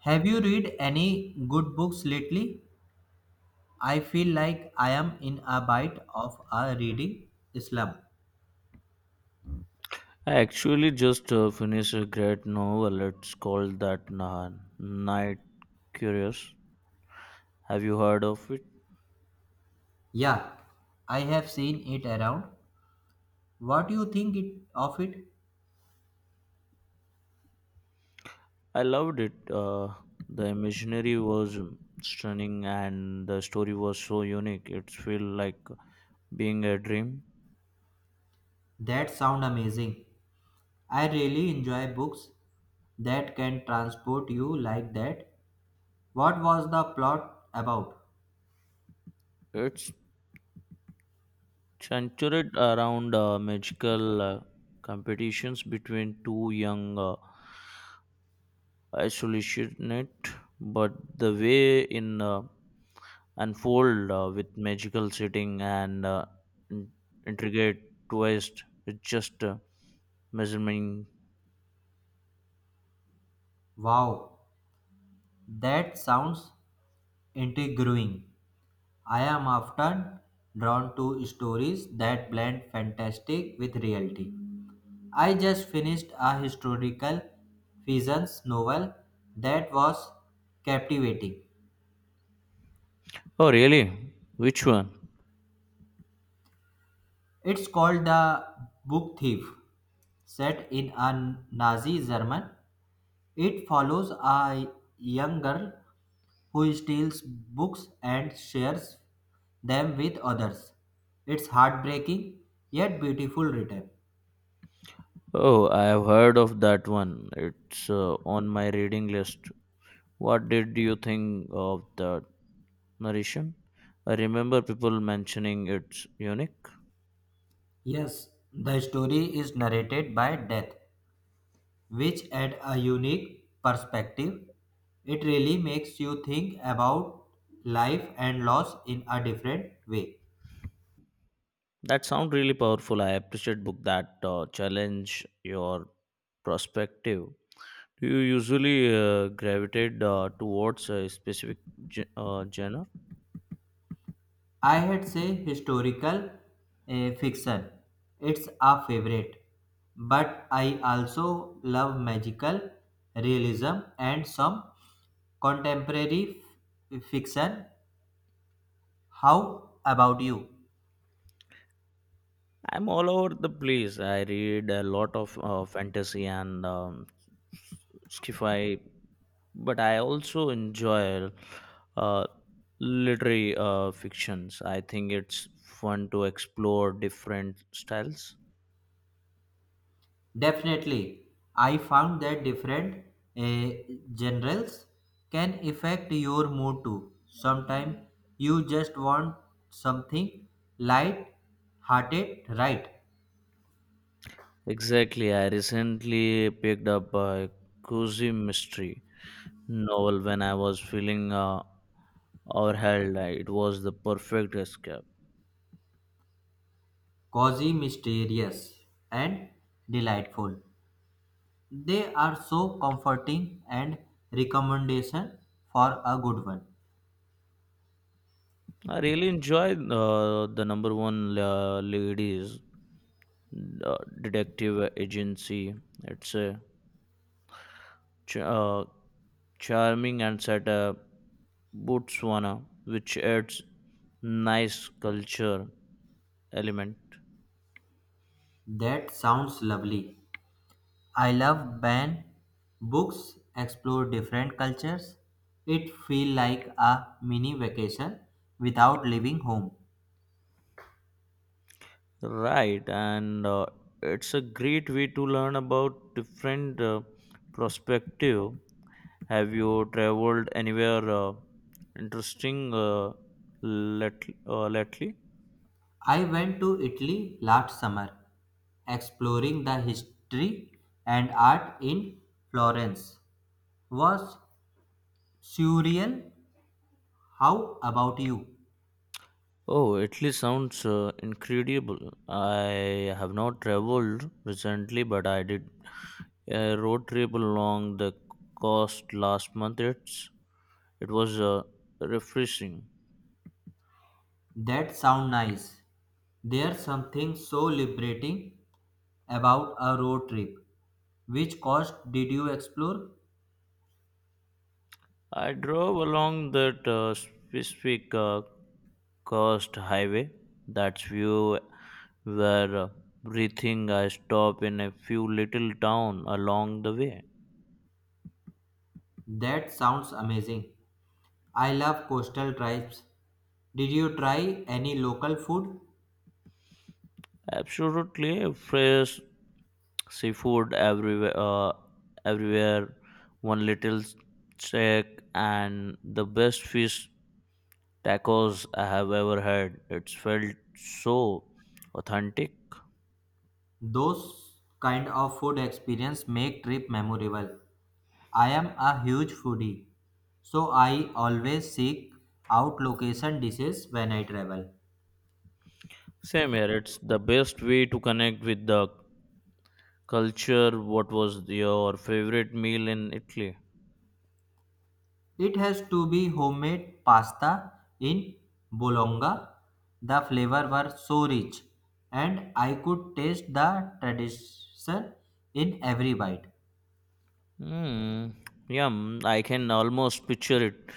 Have you read any good books lately? I feel like I am in a bit of a reading slump. I actually just finished a great novel. It's called Night Curious. Have you heard of it? Yeah, I have seen it around. What do you think it, of it? I loved it. The imaginary was stunning and the story was so unique. It felt like being a dream. That sound amazing. I really enjoy books that can transport you like that. What was the plot about? It's centered around magical competitions between two young isolationists, but the way in unfold with magical setting and in- intricate twist. It's just measuring. Wow, that sounds intriguing. I am often drawn to stories that blend fantastic with reality. I just finished a historical fiction novel that was captivating. Oh, really? Which one? It's called The Book Thief, set in a Nazi German. It follows a young girl who steals books and shares them with others. It's heartbreaking yet beautiful written. Oh, I have heard of that one. It's on my reading list. What did you think of the narration? I remember people mentioning it's unique. Yes, the story is narrated by death which add a unique perspective. It really makes you think about life and loss in a different way. That sounds really powerful. I appreciate book that challenge your perspective. Do you usually gravitate towards a specific genre? I had say historical fiction. It's a favorite, but I also love magical realism and some contemporary fiction. How about you? I'm all over the place. I read a lot of fantasy and sci-fi, but I also enjoy uh, literary fictions. I think it's fun to explore different styles. Definitely. I found that different uh, generals can affect your mood too. Sometimes you just want something light hearted, right? Exactly. I recently picked up a cozy mystery novel when I was feeling or hell, it was the perfect escape. Cozy, mysterious, and delightful. They are so comforting and recommendation for a good one. I really enjoyed the number one ladies detective agency. It's a ch- uh, charming and set botswana, which adds nice culture element. That sounds lovely. I love when books explore different cultures. It feel like a mini vacation without leaving home. Right, and it's a great way to learn about different perspective. Have you traveled anywhere interesting lately? I went to Italy last summer, exploring the history and art in Florence. Was surreal. How about you? Oh, Italy sounds incredible. I have not traveled recently, but I did a road trip along the coast last month. It was refreshing. That sound nice. There's something so liberating about a road trip. Which coast did you explore? I drove along that specific coast highway. That's view were breathing. I stopped in a few little town along the way. That sounds amazing. I love coastal drives. Did you try any local food? Absolutely fresh seafood everywhere. Everywhere, one little check and the best fish tacos I have ever had. It's felt so authentic. Those kind of food experience make trip memorable. I am a huge foodie, so I always seek out location dishes when I travel. Same here. It's the best way to connect with the culture. What was your favorite meal in Italy? It has to be homemade pasta in Bologna. The flavor were so rich, and I could taste the tradition in every bite. Hmm. Yum. I can almost picture it.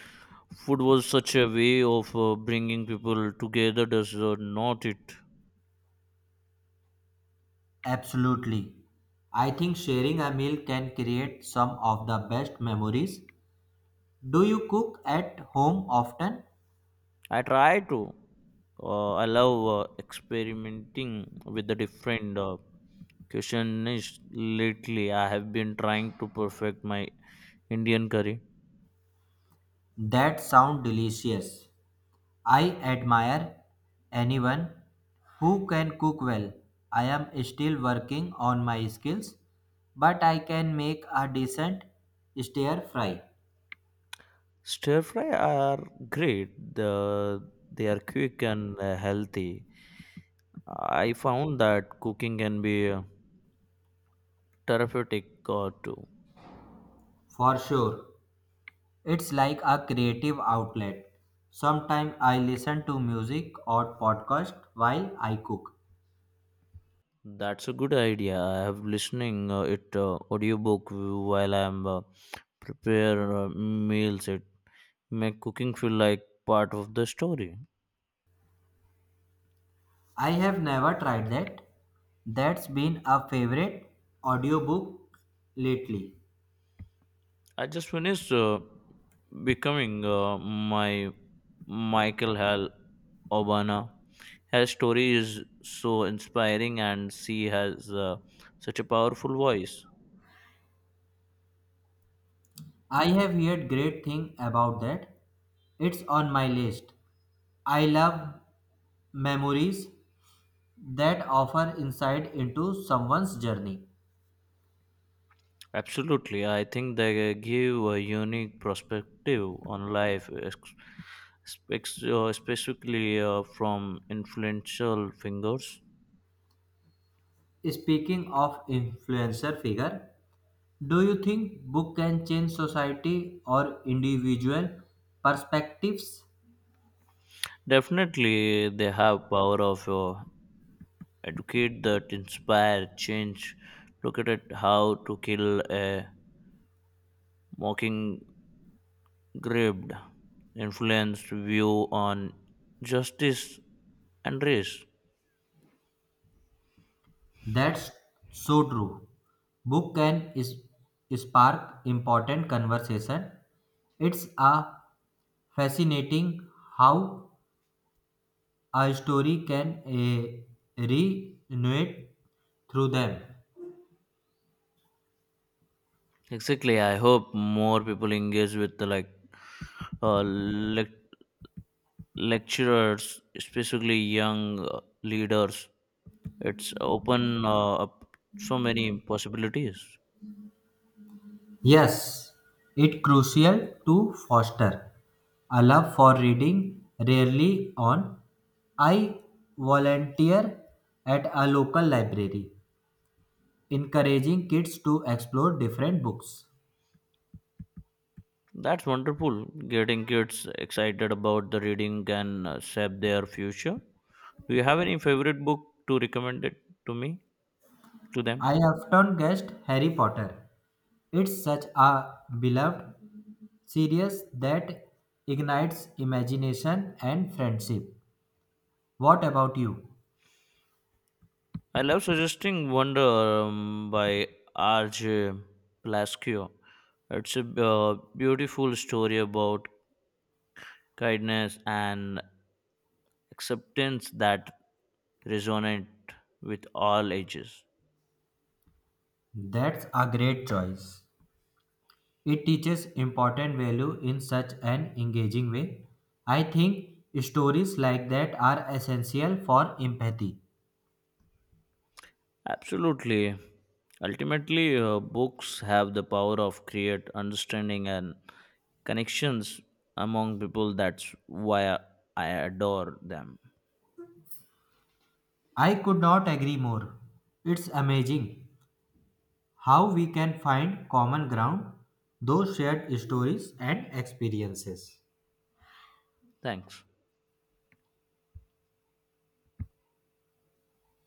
Food was such a way of bringing people together, does not it? Absolutely. I think sharing a meal can create some of the best memories. Do you cook at home often? I try to. I love experimenting with the different cuisines lately. I have been trying to perfect my Indian curry. That sound delicious. I admire anyone who can cook well. I am still working on my skills, but I can make a decent stir fry Stir fry are great. They are quick and healthy. I found that cooking can be therapeutic too. for sure. It's like a creative outlet. Sometimes I listen to music or podcast while I cook. That's a good idea. I have listening it audiobook while I am prepare meals. It make cooking feel like part of the story. I have never tried that. That's been a favorite audiobook lately. I just finished becoming my Michael Hal Obana. Her story is so inspiring, and she has such a powerful voice. I have heard great thing about that. It's on my list. I love memories that offer insight into someone's journey. Absolutely, I think they give a unique perspective on life, specifically from influential figures. Speaking of influencer figure, do you think book can change society or individual perspectives? Definitely, they have power of educate that inspire change. Look at it, how to kill a mockingbird, influenced view on justice and race. That's so true. Book can is, spark important conversation. It's a fascinating how a story can renovate through them. Exactly. I hope more people engage with the like uh, lec- lecturers, especially young leaders. It's open up so many possibilities. Yes, it's crucial to foster a love for reading rarely on. I volunteer at a local library, encouraging kids to explore different books. That's wonderful. Getting kids excited about the reading can shape their future. Do you have any favorite book to recommend it to me to them? I often guessed Harry Potter. It's such a beloved series that ignites imagination and friendship. What about you? I love suggesting Wonder by R.J. Plascio. It's a beautiful story about kindness and acceptance that resonate with all ages. That's a great choice. It teaches important value in such an engaging way. I think stories like that are essential for empathy. Absolutely. Ultimately, books have the power of create understanding and connections among people. That's why I adore them. I could not agree more. It's amazing how we can find common ground, those shared stories and experiences. Thanks.